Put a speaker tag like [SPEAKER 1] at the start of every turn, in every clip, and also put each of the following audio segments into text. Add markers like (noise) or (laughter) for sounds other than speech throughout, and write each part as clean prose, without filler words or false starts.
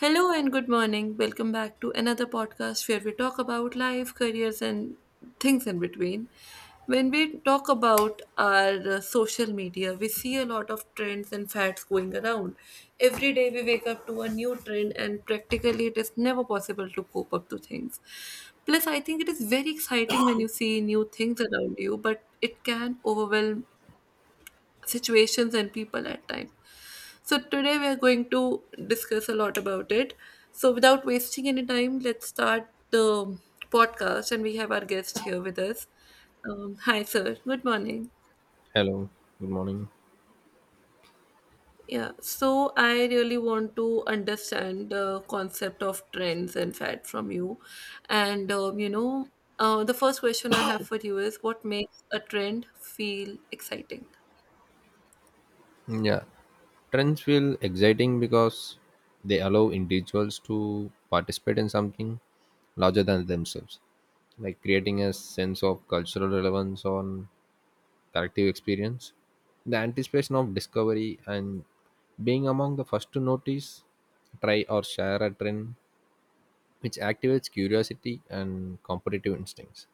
[SPEAKER 1] Hello and good morning. Welcome back to another podcast where we talk about life, careers, and things in between. When we talk about our social media, we see a lot of trends and fads going around. Every day we wake up to a new trend, and practically it is never possible to cope up to things. Plus, I think it is very exciting when you see new things around you, but it can overwhelm situations and people at times. So today we are going to discuss a lot about it. So without wasting any time, let's start the podcast, and we have our guest here with us. Hi, sir. Good morning.
[SPEAKER 2] Hello, good morning.
[SPEAKER 1] Yeah, so I really want to understand the concept of trends and fad from you. And, um, you know, the first question I have for you is, what makes a trend feel exciting?
[SPEAKER 2] Yeah, Trends feel exciting because they allow individuals to participate in something larger than themselves, like creating a sense of cultural relevance on collective experience. The anticipation of discovery and being among the first to notice, try, or share a trend, which activates curiosity and competitive instincts.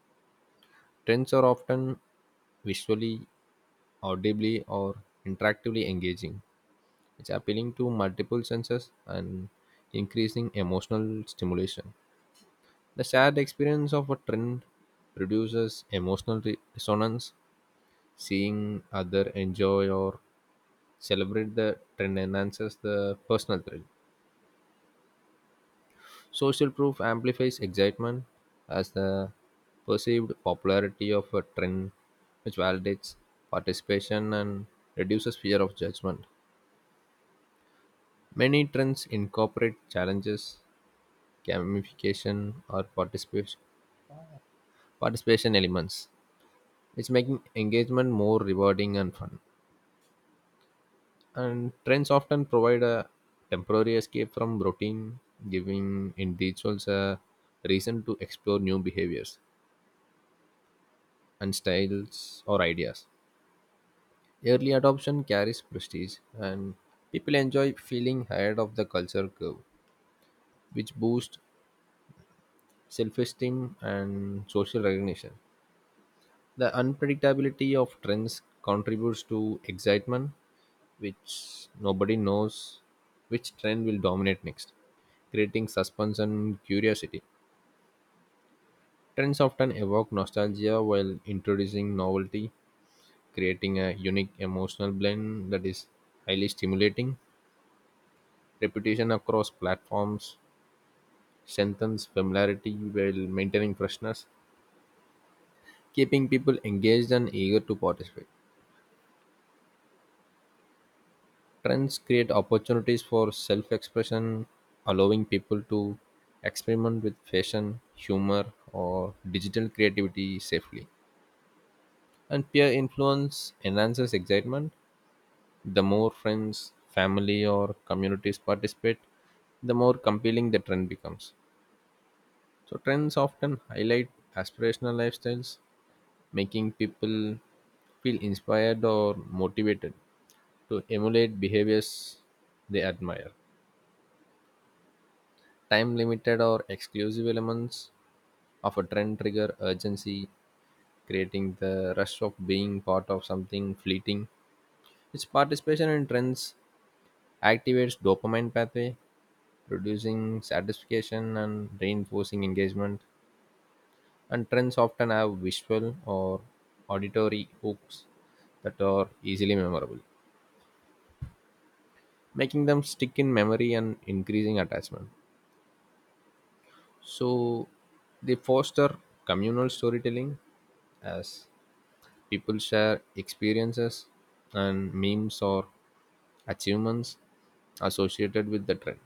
[SPEAKER 2] Trends are often visually, audibly, or interactively engaging. It's appealing to multiple senses and increasing emotional stimulation. The shared experience of a trend produces emotional resonance. Seeing other enjoy or celebrate the trend enhances the personal thrill. Social proof amplifies excitement as the perceived popularity of a trend, which validates participation and reduces fear of judgment. Many trends incorporate challenges, gamification, or participation elements, which making engagement more rewarding and fun. And trends often provide a temporary escape from routine, giving individuals a reason to explore new behaviors and styles or ideas. Early adoption carries prestige, and people enjoy feeling ahead of the culture curve, which boosts self esteem and social recognition. The unpredictability of trends contributes to excitement, which nobody knows which trend will dominate next, creating suspense and curiosity. Trends often evoke nostalgia while introducing novelty, creating a unique emotional blend that is highly stimulating. Repetition across platforms strengthens familiarity while maintaining freshness, keeping people engaged and eager to participate. Trends create opportunities for self expression, allowing people to experiment with fashion, humor, or digital creativity safely. And peer influence enhances excitement. The more friends, family, or communities participate, the more compelling the trend becomes. So, trends often highlight aspirational lifestyles, making people feel inspired or motivated to emulate behaviors they admire. Time limited or exclusive elements of a trend trigger urgency, creating the rush of being part of something fleeting. Its participation in trends activates dopamine pathway, producing satisfaction and reinforcing engagement. And trends often have visual or auditory hooks that are easily memorable, making them stick in memory and increasing attachment. So they foster communal storytelling as people share experiences and memes or achievements associated with the trend.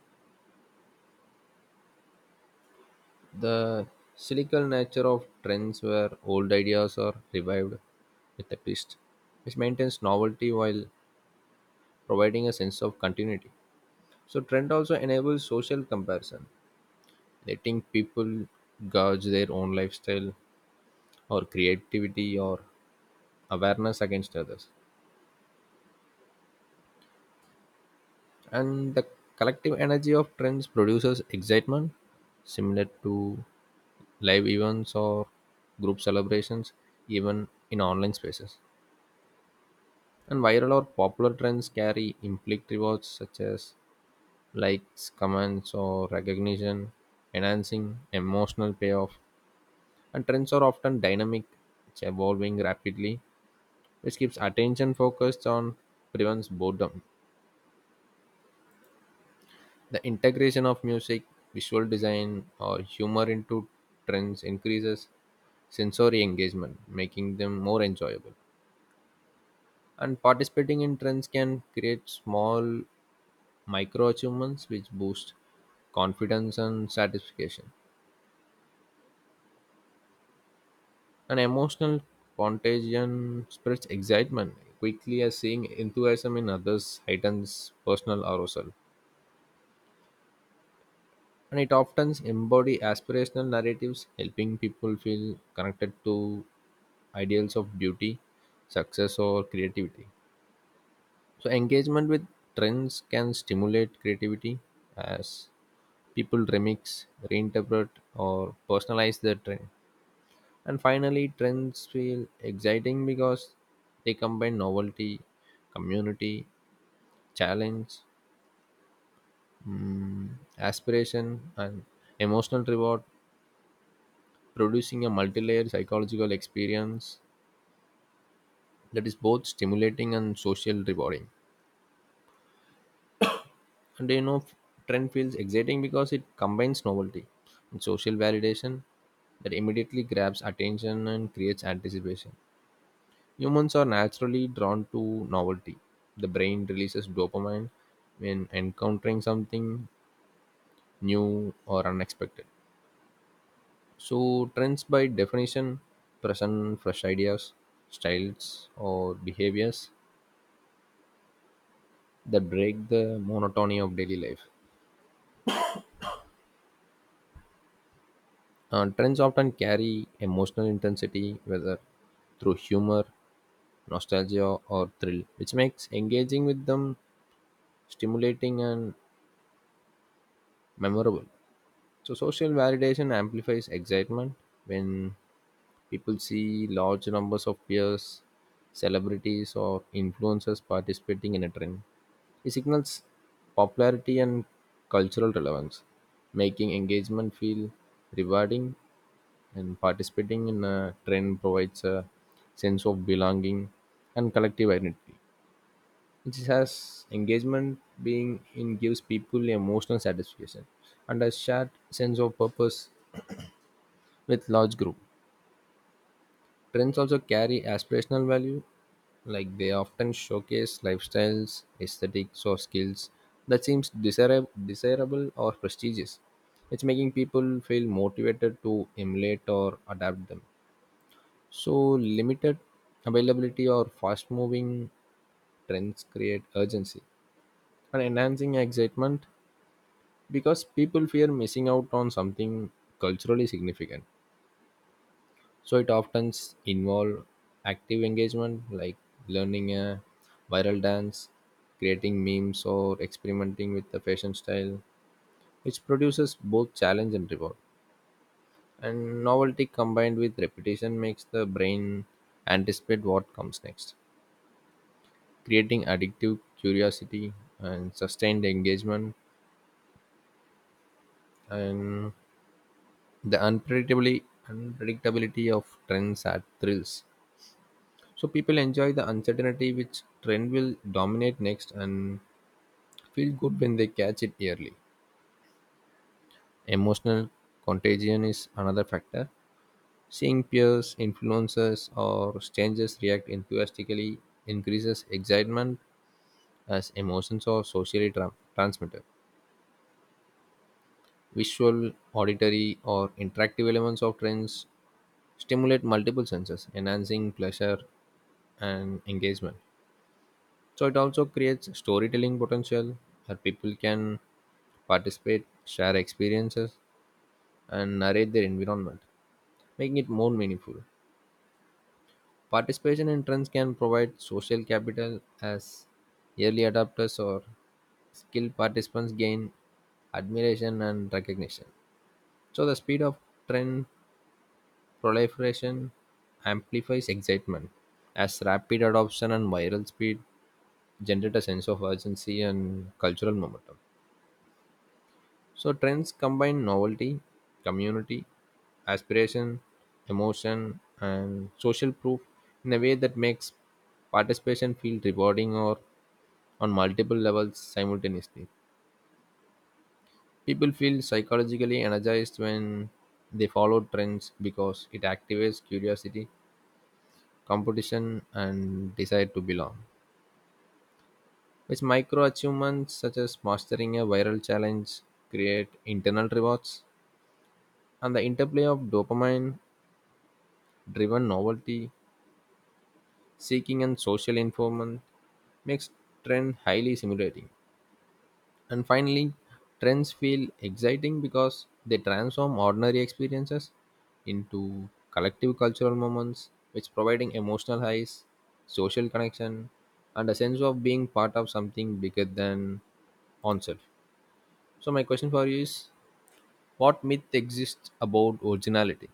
[SPEAKER 2] The cyclical nature of trends where old ideas are revived with a twist, which maintains novelty while providing a sense of continuity. So, trend also enables social comparison, letting people gauge their own lifestyle or creativity or awareness against others. And the collective energy of trends produces excitement similar to live events or group celebrations, even in online spaces. And viral or popular trends carry implied rewards such as likes, comments, or recognition, enhancing emotional payoff. And trends are often dynamic, it's evolving rapidly, which keeps attention focused on prevents boredom. The integration of music, visual design, or humor into trends increases sensory engagement, making them more enjoyable. And participating in trends can create small micro achievements which boost confidence and satisfaction. An emotional contagion spreads excitement quickly as seeing enthusiasm in others heightens personal arousal. And it often embodies aspirational narratives, helping people feel connected to ideals of beauty, success, or creativity. So, engagement with trends can stimulate creativity as people remix, reinterpret, or personalize their trend. And finally, trends feel exciting because they combine novelty, community, challenge, mm, aspiration, and emotional reward, producing a multi layered psychological experience that is both stimulating and social rewarding. And you know, trend feels exciting because it combines novelty and social validation that immediately grabs attention and creates anticipation. Humans are naturally drawn to novelty. The brain releases dopamine when encountering something new or unexpected. So, trends by definition present fresh ideas, styles, or behaviors that break the monotony of daily life. Trends often carry emotional intensity, whether through humor, nostalgia, or thrill, which makes engaging with them stimulating and memorable. So social validation amplifies excitement when people see large numbers of peers, celebrities, or influencers participating in a trend. It signals popularity and cultural relevance, making engagement feel rewarding. And participating in a trend provides a sense of belonging and collective identity. It has engagement being in gives people emotional satisfaction and a shared sense of purpose with large group. Trends also carry aspirational value, like they often showcase lifestyles, aesthetics, or skills that seems desirable or prestigious. It's making people feel motivated to emulate or adapt them. So limited availability or fast-moving trends create urgency and enhancing excitement because people fear missing out on something culturally significant. So it often involves active engagement like learning a viral dance, creating memes, or experimenting with the fashion style, which produces both challenge and reward. And novelty combined with repetition makes the brain anticipate what comes next, creating addictive curiosity and sustained engagement. And the unpredictably unpredictability of trends add thrills. So people enjoy the uncertainty which trend will dominate next and feel good when they catch it early. Emotional contagion is another factor. Seeing peers, influencers, or strangers react enthusiastically increases excitement as emotions are socially transmitted. Visual, auditory, or interactive elements of trends stimulate multiple senses, enhancing pleasure and engagement. So it also creates storytelling potential where people can participate, share experiences, and narrate their environment, making it more meaningful. Participation in trends can provide social capital as early adopters or skilled participants gain admiration and recognition. So the speed of trend proliferation amplifies excitement as rapid adoption and viral speed generate a sense of urgency and cultural momentum. So trends combine novelty, community, aspiration, emotion, and social proof in a way that makes participation feel rewarding or on multiple levels simultaneously. People feel psychologically energized when they follow trends because it activates curiosity, competition, and desire to belong. Which micro achievements such as mastering a viral challenge create internal rewards, and the interplay of dopamine driven novelty seeking and social informant makes trend highly stimulating. And finally, trends feel exciting because they transform ordinary experiences into collective cultural moments which providing emotional highs, social connection, and a sense of being part of something bigger than oneself. So my question for you is, what myth exists about originality?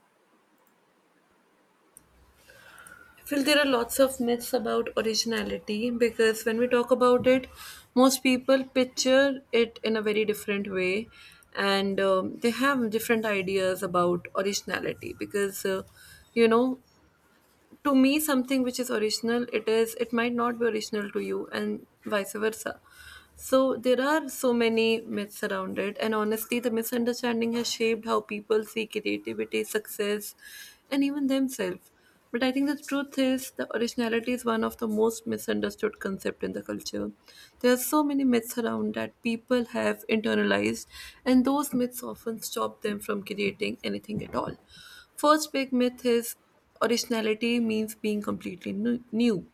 [SPEAKER 1] I feel there are lots of myths about originality because when we talk about it, most people picture it in a very different way, and they have different ideas about originality because, you know, to me, something which is original, it might not be original to you and vice versa. So there are so many myths around it, and honestly, the misunderstanding has shaped how people see creativity, success, and even themselves. But I think the truth is, the originality is one of the most misunderstood concept in the culture. There are so many myths around that people have internalized, and those myths often stop them from creating anything at all. First big myth is originality means being completely new.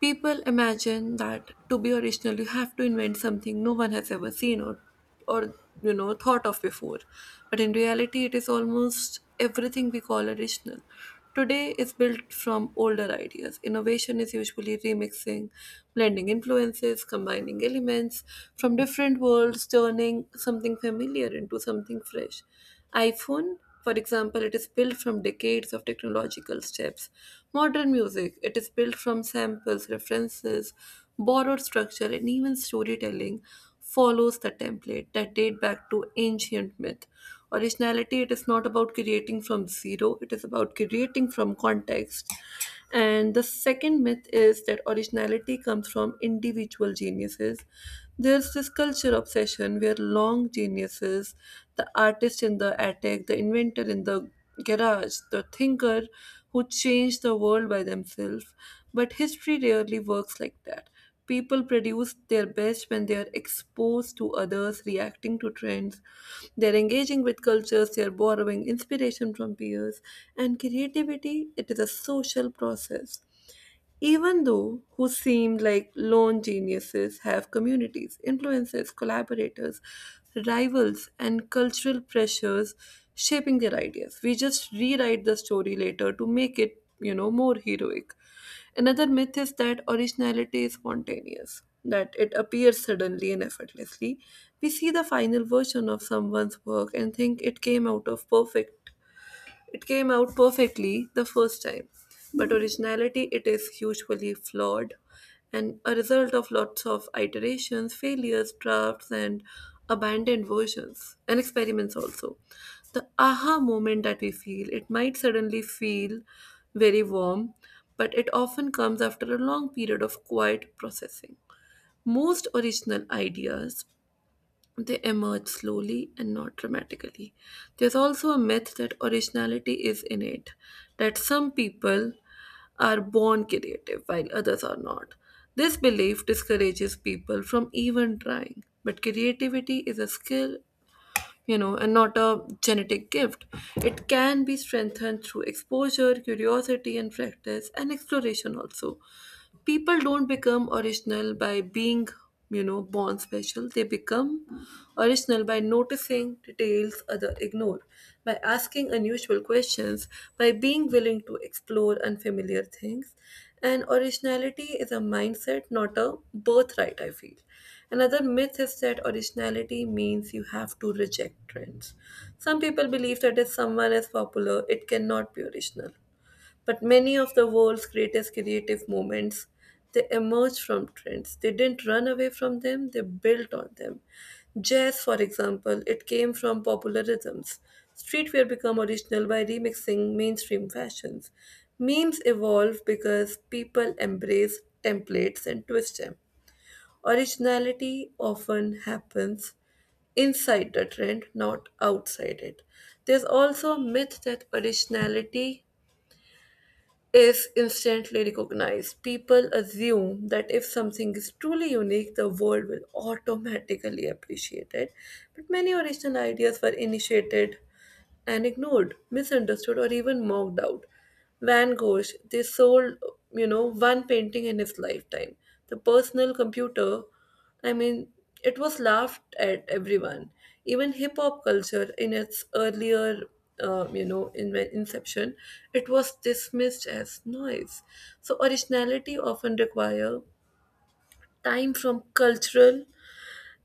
[SPEAKER 1] People imagine that to be original, you have to invent something no one has ever seen or thought of before. But in reality, it is almost everything we call original. Today is built from older ideas. Innovation is usually remixing, blending influences, combining elements from different worlds, turning something familiar into something fresh. iPhone, for example, it is built from decades of technological steps. Modern music, it is built from samples, references, borrowed structure, and even storytelling follows the template that date back to ancient myth. Originality, it is not about creating from zero, it is about creating from context. And the second myth is that originality comes from individual geniuses. There's this culture obsession where long geniuses, the artist in the attic, the inventor in the garage, the thinker who changed the world by themselves. But history rarely works like that. People produce their best when they are exposed to others, reacting to trends. They're engaging with cultures, they're borrowing inspiration from peers. And creativity, it is a social process. Even though who seemed like lone geniuses have communities, influences, collaborators, rivals, and cultural pressures shaping their ideas. We just rewrite the story later to make it, you know, more heroic. Another myth is that originality is spontaneous, that it appears suddenly and effortlessly. We see the final version of someone's work and think it came out perfectly the first time, but originality it is usually flawed and a result of lots of iterations, failures, drafts, and abandoned versions and experiments also. The aha moment that we feel, it might suddenly feel very warm, but it often comes after a long period of quiet processing. Most original ideas they emerge slowly and not dramatically. There's also a myth that originality is innate, that some people are born creative while others are not. This belief discourages people from even trying. But creativity is a skill, you know, and not a genetic gift. It can be strengthened through exposure, curiosity, and practice, and exploration also. People don't become original by being, you know, born special. They become original by noticing details other ignore, by asking unusual questions, by being willing to explore unfamiliar things, and originality is a mindset, not a birthright, I feel. Another myth is that originality means you have to reject trends. Some people believe that if someone is popular, it cannot be original. But many of the world's greatest creative moments, they emerged from trends. They didn't run away from them, they built on them. Jazz, for example, it came from popular rhythms. Streetwear became original by remixing mainstream fashions. Memes evolve because people embrace templates and twist them. Originality often happens inside the trend, not outside it. There's also a myth that originality is instantly recognized. People assume that if something is truly unique, the world will automatically appreciate it. But many original ideas were initiated and ignored, misunderstood, or even mocked out. Van Gogh, they sold, you know, one painting in his lifetime. The personal computer, I mean, it was laughed at everyone. Even hip hop culture, in its earlier, in inception, it was dismissed as noise. So originality often require time from cultural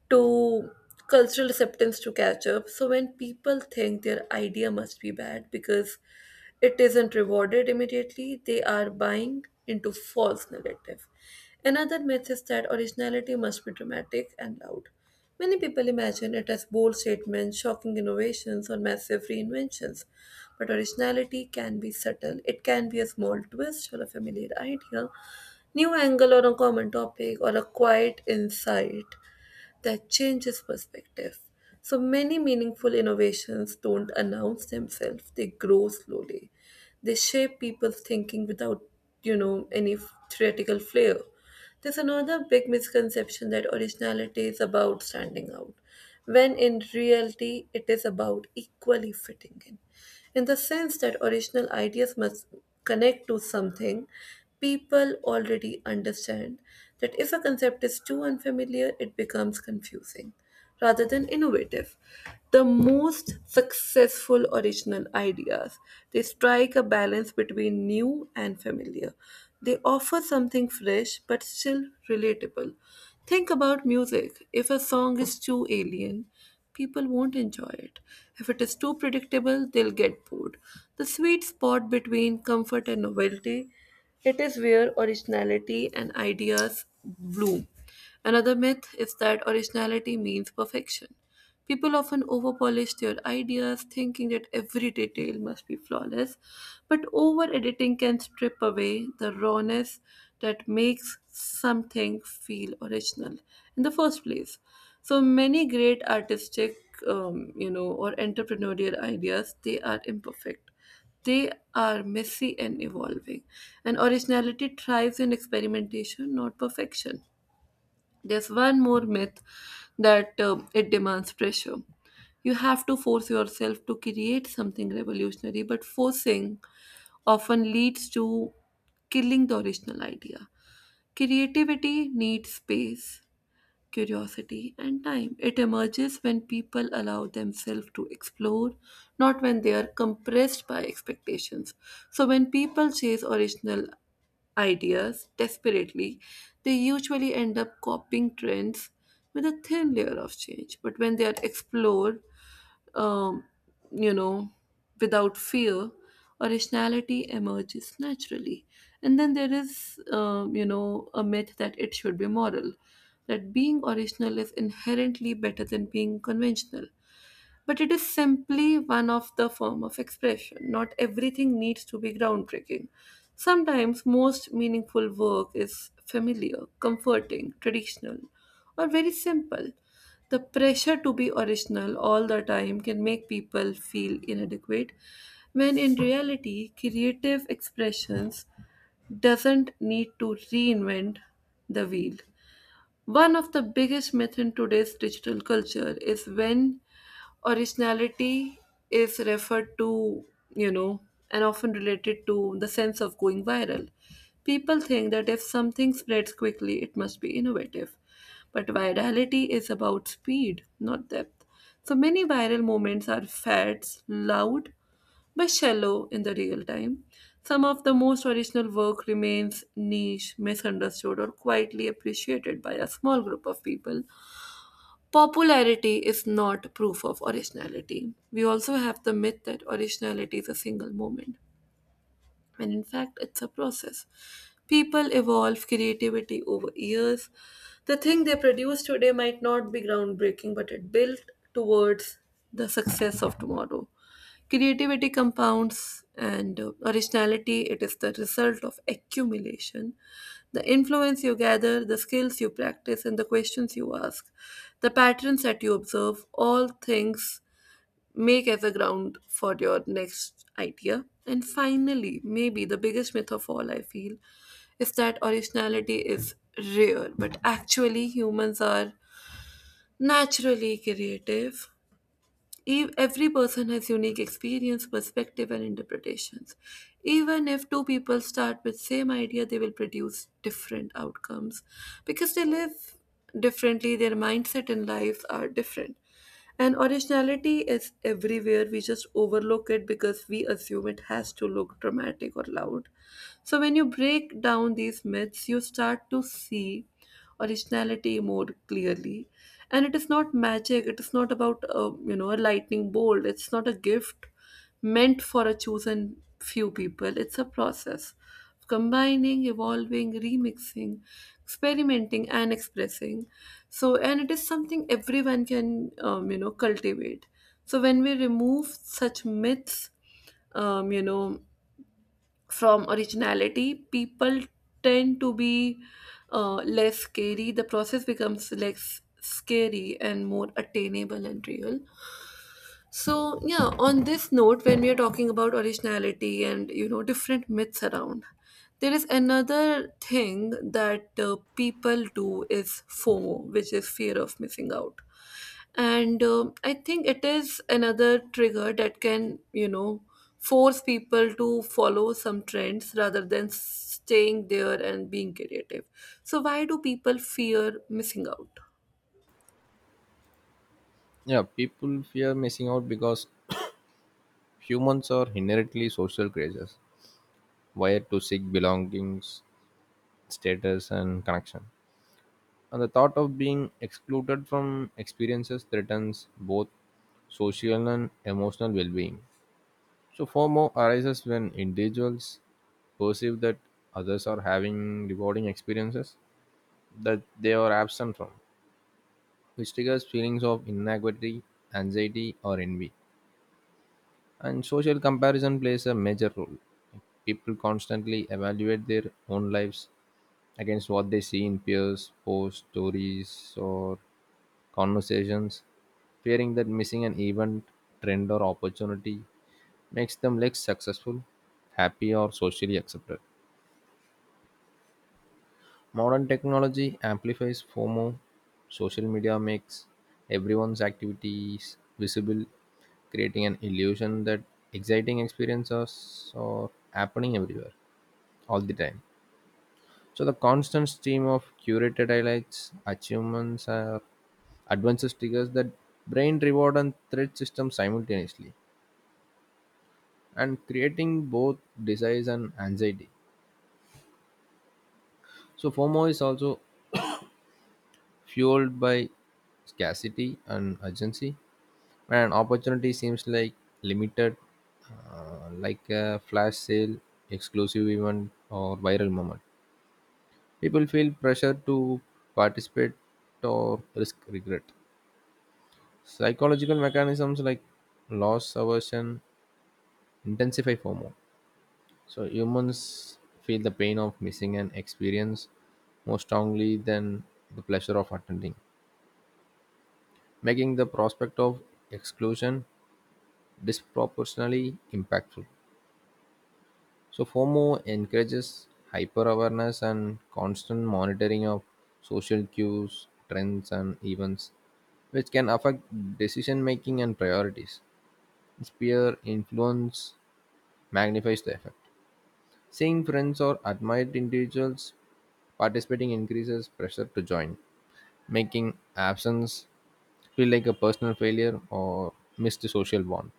[SPEAKER 1] to cultural acceptance to catch up. So when people think their idea must be bad because it isn't rewarded immediately, they are buying into false narrative. Another myth is that originality must be dramatic and loud. Many people imagine it as bold statements, shocking innovations, or massive reinventions. But originality can be subtle. It can be a small twist or a familiar idea, new angle on a common topic, or a quiet insight that changes perspective. So many meaningful innovations don't announce themselves, they grow slowly. They shape people's thinking without, you know, any theoretical flair. There's another big misconception that originality is about standing out, when in reality it is about equally fitting in. In the sense that original ideas must connect to something people already understand, that if a concept is too unfamiliar, it becomes confusing rather than innovative. The most successful original ideas, they strike a balance between new and familiar. They offer something fresh but still relatable. Think about music. If a song is too alien, people won't enjoy it. If it is too predictable, they'll get bored. The sweet spot between comfort and novelty, it is where originality and ideas bloom. Another myth is that originality means perfection. People often overpolish their ideas, thinking that every detail must be flawless, but over editing can strip away the rawness that makes something feel original in the first place. So many great artistic, or entrepreneurial ideas, they are imperfect. They are messy and evolving, and originality thrives in experimentation, not perfection. There's one more myth that it demands pressure. You have to force yourself to create something revolutionary, but forcing often leads to killing the original idea. Creativity needs space, curiosity, and time. It emerges when people allow themselves to explore, not when they are compressed by expectations. So, when people chase original ideas desperately, they usually end up copying trends with a thin layer of change. But when they are explored, um, you know, without fear, originality emerges naturally. And then there is, a myth that it should be moral, that being original is inherently better than being conventional. But it is simply one of the form of expression. Not everything needs to be groundbreaking. Sometimes most meaningful work is familiar, comforting, traditional, or very simple. The pressure to be original all the time can make people feel inadequate when in reality creative expressions doesn't need to reinvent the wheel. One of the biggest myths in today's digital culture is when originality is referred to, you know, and often related to the sense of going viral. People think that if something spreads quickly, it must be innovative. But virality is about speed, not depth. So many viral moments are fads, loud but shallow in the real time. Some of the most original work remains niche, misunderstood, or quietly appreciated by a small group of people. Popularity is not proof of originality. We also have the myth that originality is a single moment. And in fact, it's a process. People evolve creativity over years. The thing they produce today might not be groundbreaking, but it built towards the success of tomorrow. Creativity compounds and originality, it is the result of accumulation. The influence you gather, the skills you practice, and the questions you ask, the patterns that you observe, all things make as a ground for your next idea. And finally, maybe the biggest myth of all I feel is that originality is rare, but actually, humans are naturally creative. Every person has unique experience, perspective, and interpretations. Even if two people start with same idea, they will produce different outcomes because they live differently. Their mindset and lives are different. And originality is everywhere. We just overlook it because we assume it has to look dramatic or loud. So when you break down these myths, you start to see originality more clearly. And it is not magic. It is not about, you know, a lightning bolt. It's not a gift meant for a chosen few people. It's a process of combining, evolving, remixing, experimenting, and expressing. So, and it is something everyone can, you know, cultivate. So, when we remove such myths, um, you know, from originality, people tend to be less scary the process becomes less scary and more attainable and real. So, yeah, on this note, when we are talking about originality and, you know, different myths around, there is another thing that people do is FOMO, which is fear of missing out, and I think it is another trigger that can, you know, force people to follow some trends rather than staying there and being creative. So, why do people fear missing out?
[SPEAKER 2] Yeah People fear missing out because humans are inherently social creatures, wired to seek belongings, status, and connection. And the thought of being excluded from experiences threatens both social and emotional well being. So, FOMO arises when individuals perceive that others are having rewarding experiences that they are absent from, which triggers feelings of inequality, anxiety, or envy. And social comparison plays a major role. People constantly evaluate their own lives against what they see in peers, posts, stories, or conversations, fearing that missing an event, trend, or opportunity makes them less successful, happy, or socially accepted. Modern technology amplifies FOMO. Social media makes everyone's activities visible, creating an illusion that exciting experiences are happening everywhere, all the time. So the constant stream of curated highlights, achievements, or advances triggers that brain reward and threat system simultaneously, and creating both desires and anxiety. So FOMO is also fueled by scarcity and urgency and opportunity seems like limited, like a flash sale exclusive event or viral moment, people feel pressure to participate or risk regret. Psychological mechanisms like loss aversion intensify FOMO, so humans feel the pain of missing an experience more strongly than the pleasure of attending, making the prospect of exclusion disproportionately impactful. So FOMO encourages hyper-awareness and constant monitoring of social cues, trends, and events, which can affect decision making and priorities. Its peer influence magnifies the effect. Seeing friends or admired individuals participating increases pressure to join, making absence feel like a personal failure or missed social bond.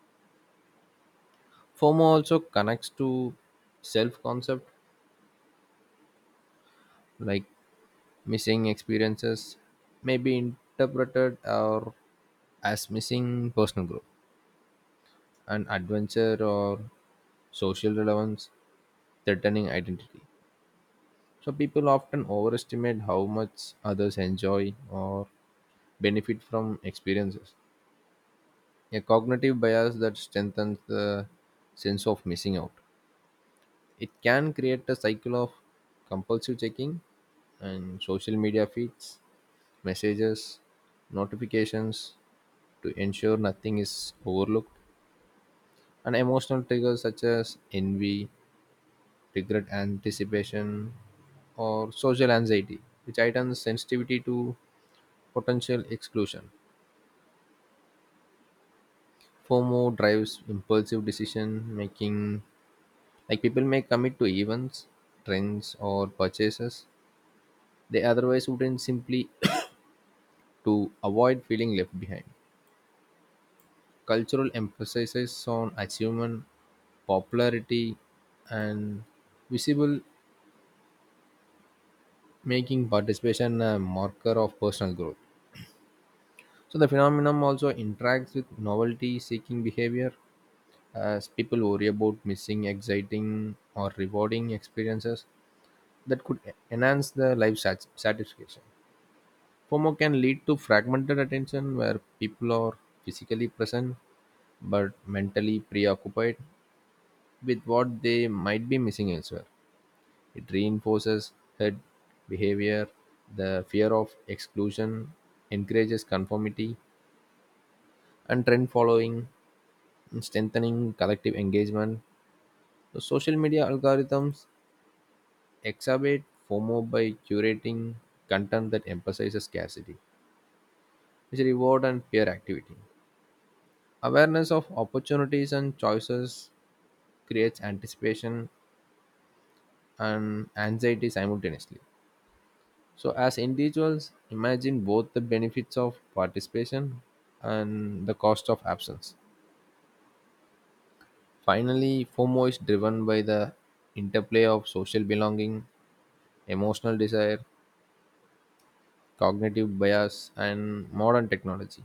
[SPEAKER 2] FOMO also connects to self concept, like missing experiences may be interpreted or as missing personal growth, an adventure or social relevance, threatening identity. So people often overestimate how much others enjoy or benefit from experiences. A cognitive bias that strengthens the sense of missing out. It can create a cycle of compulsive checking and social media feeds, messages, notifications, to ensure nothing is overlooked. And emotional triggers such as envy, regret, anticipation, or social anxiety, which heightens sensitivity to potential exclusion. FOMO drives impulsive decision making, like people may commit to events, trends, or purchases they otherwise wouldn't simply (coughs) to avoid feeling left behind. Cultural emphasis on achievement, popularity, and visible making participation a marker of personal growth. So the phenomenon also interacts with novelty seeking behavior as people worry about missing exciting or rewarding experiences that could enhance their life satisfaction. FOMO can lead to fragmented attention where people are physically present but mentally preoccupied with what they might be missing elsewhere. It reinforces herd behavior; the fear of exclusion encourages conformity and trend following, strengthening collective engagement. The social media algorithms exacerbate FOMO by curating content that emphasizes scarcity, which reward and fear activity. Awareness of opportunities and choices creates anticipation and anxiety simultaneously. So, as individuals, imagine both the benefits of participation and the cost of absence. Finally, FOMO is driven by the interplay of social belonging, emotional desire, cognitive bias, and modern technology,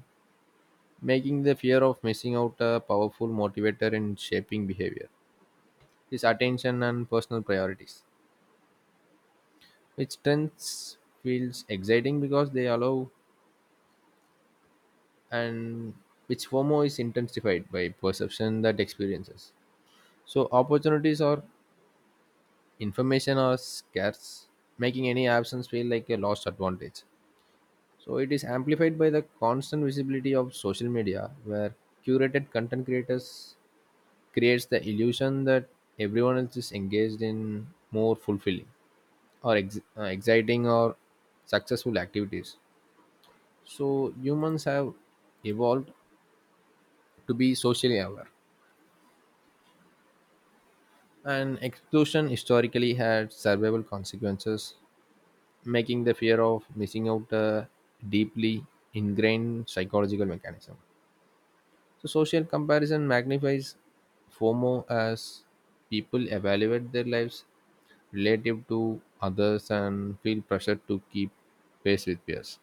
[SPEAKER 2] making the fear of missing out a powerful motivator in shaping behavior, is attention, and personal priorities. Which trends feels exciting because they allow and which FOMO is intensified by perception that experiences. So opportunities or information are scarce, making any absence feel like a lost advantage. So it is amplified by the constant visibility of social media, where curated content creators creates the illusion that everyone else is engaged in more fulfilling or exciting or successful activities. So humans have evolved to be socially aware, and exclusion historically had survival consequences making the fear of missing out a deeply ingrained psychological mechanism. So, social comparison magnifies FOMO as people evaluate their lives relative to others and feel pressure to keep pace with peers.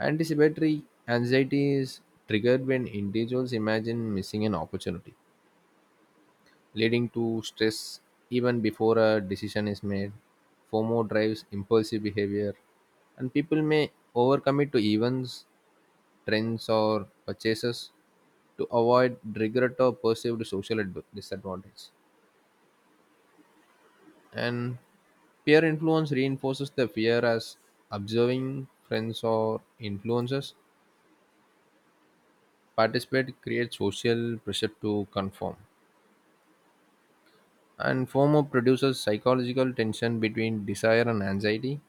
[SPEAKER 2] Anticipatory anxiety is triggered when individuals imagine missing an opportunity leading to stress even before a decision is made. FOMO drives impulsive behavior, and people may overcommit to events, trends, or purchases to avoid regret or perceived social disadvantage. And peer influence reinforces the fear as observing friends or influencers participate creates social pressure to conform. And FOMO produces psychological tension between desire and anxiety,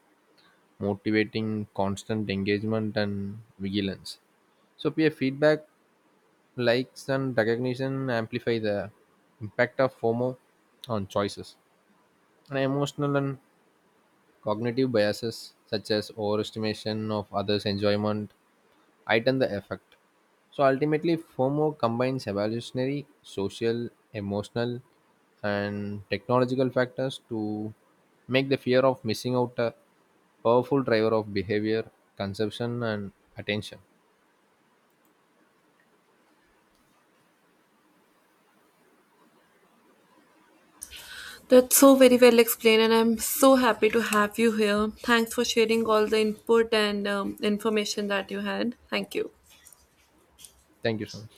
[SPEAKER 2] motivating constant engagement and vigilance. So peer feedback, likes and recognition amplify the impact of FOMO on choices. And emotional and cognitive biases such as overestimation of others' enjoyment heighten the effect. So ultimately, FOMO combines evolutionary, social, emotional, and technological factors to make the fear of missing out a powerful driver of behavior, consumption, and attention.
[SPEAKER 1] That's so very well explained, and I'm so happy to have you here. Thanks for sharing all the input and information that you had. Thank you.
[SPEAKER 2] Thank you so much.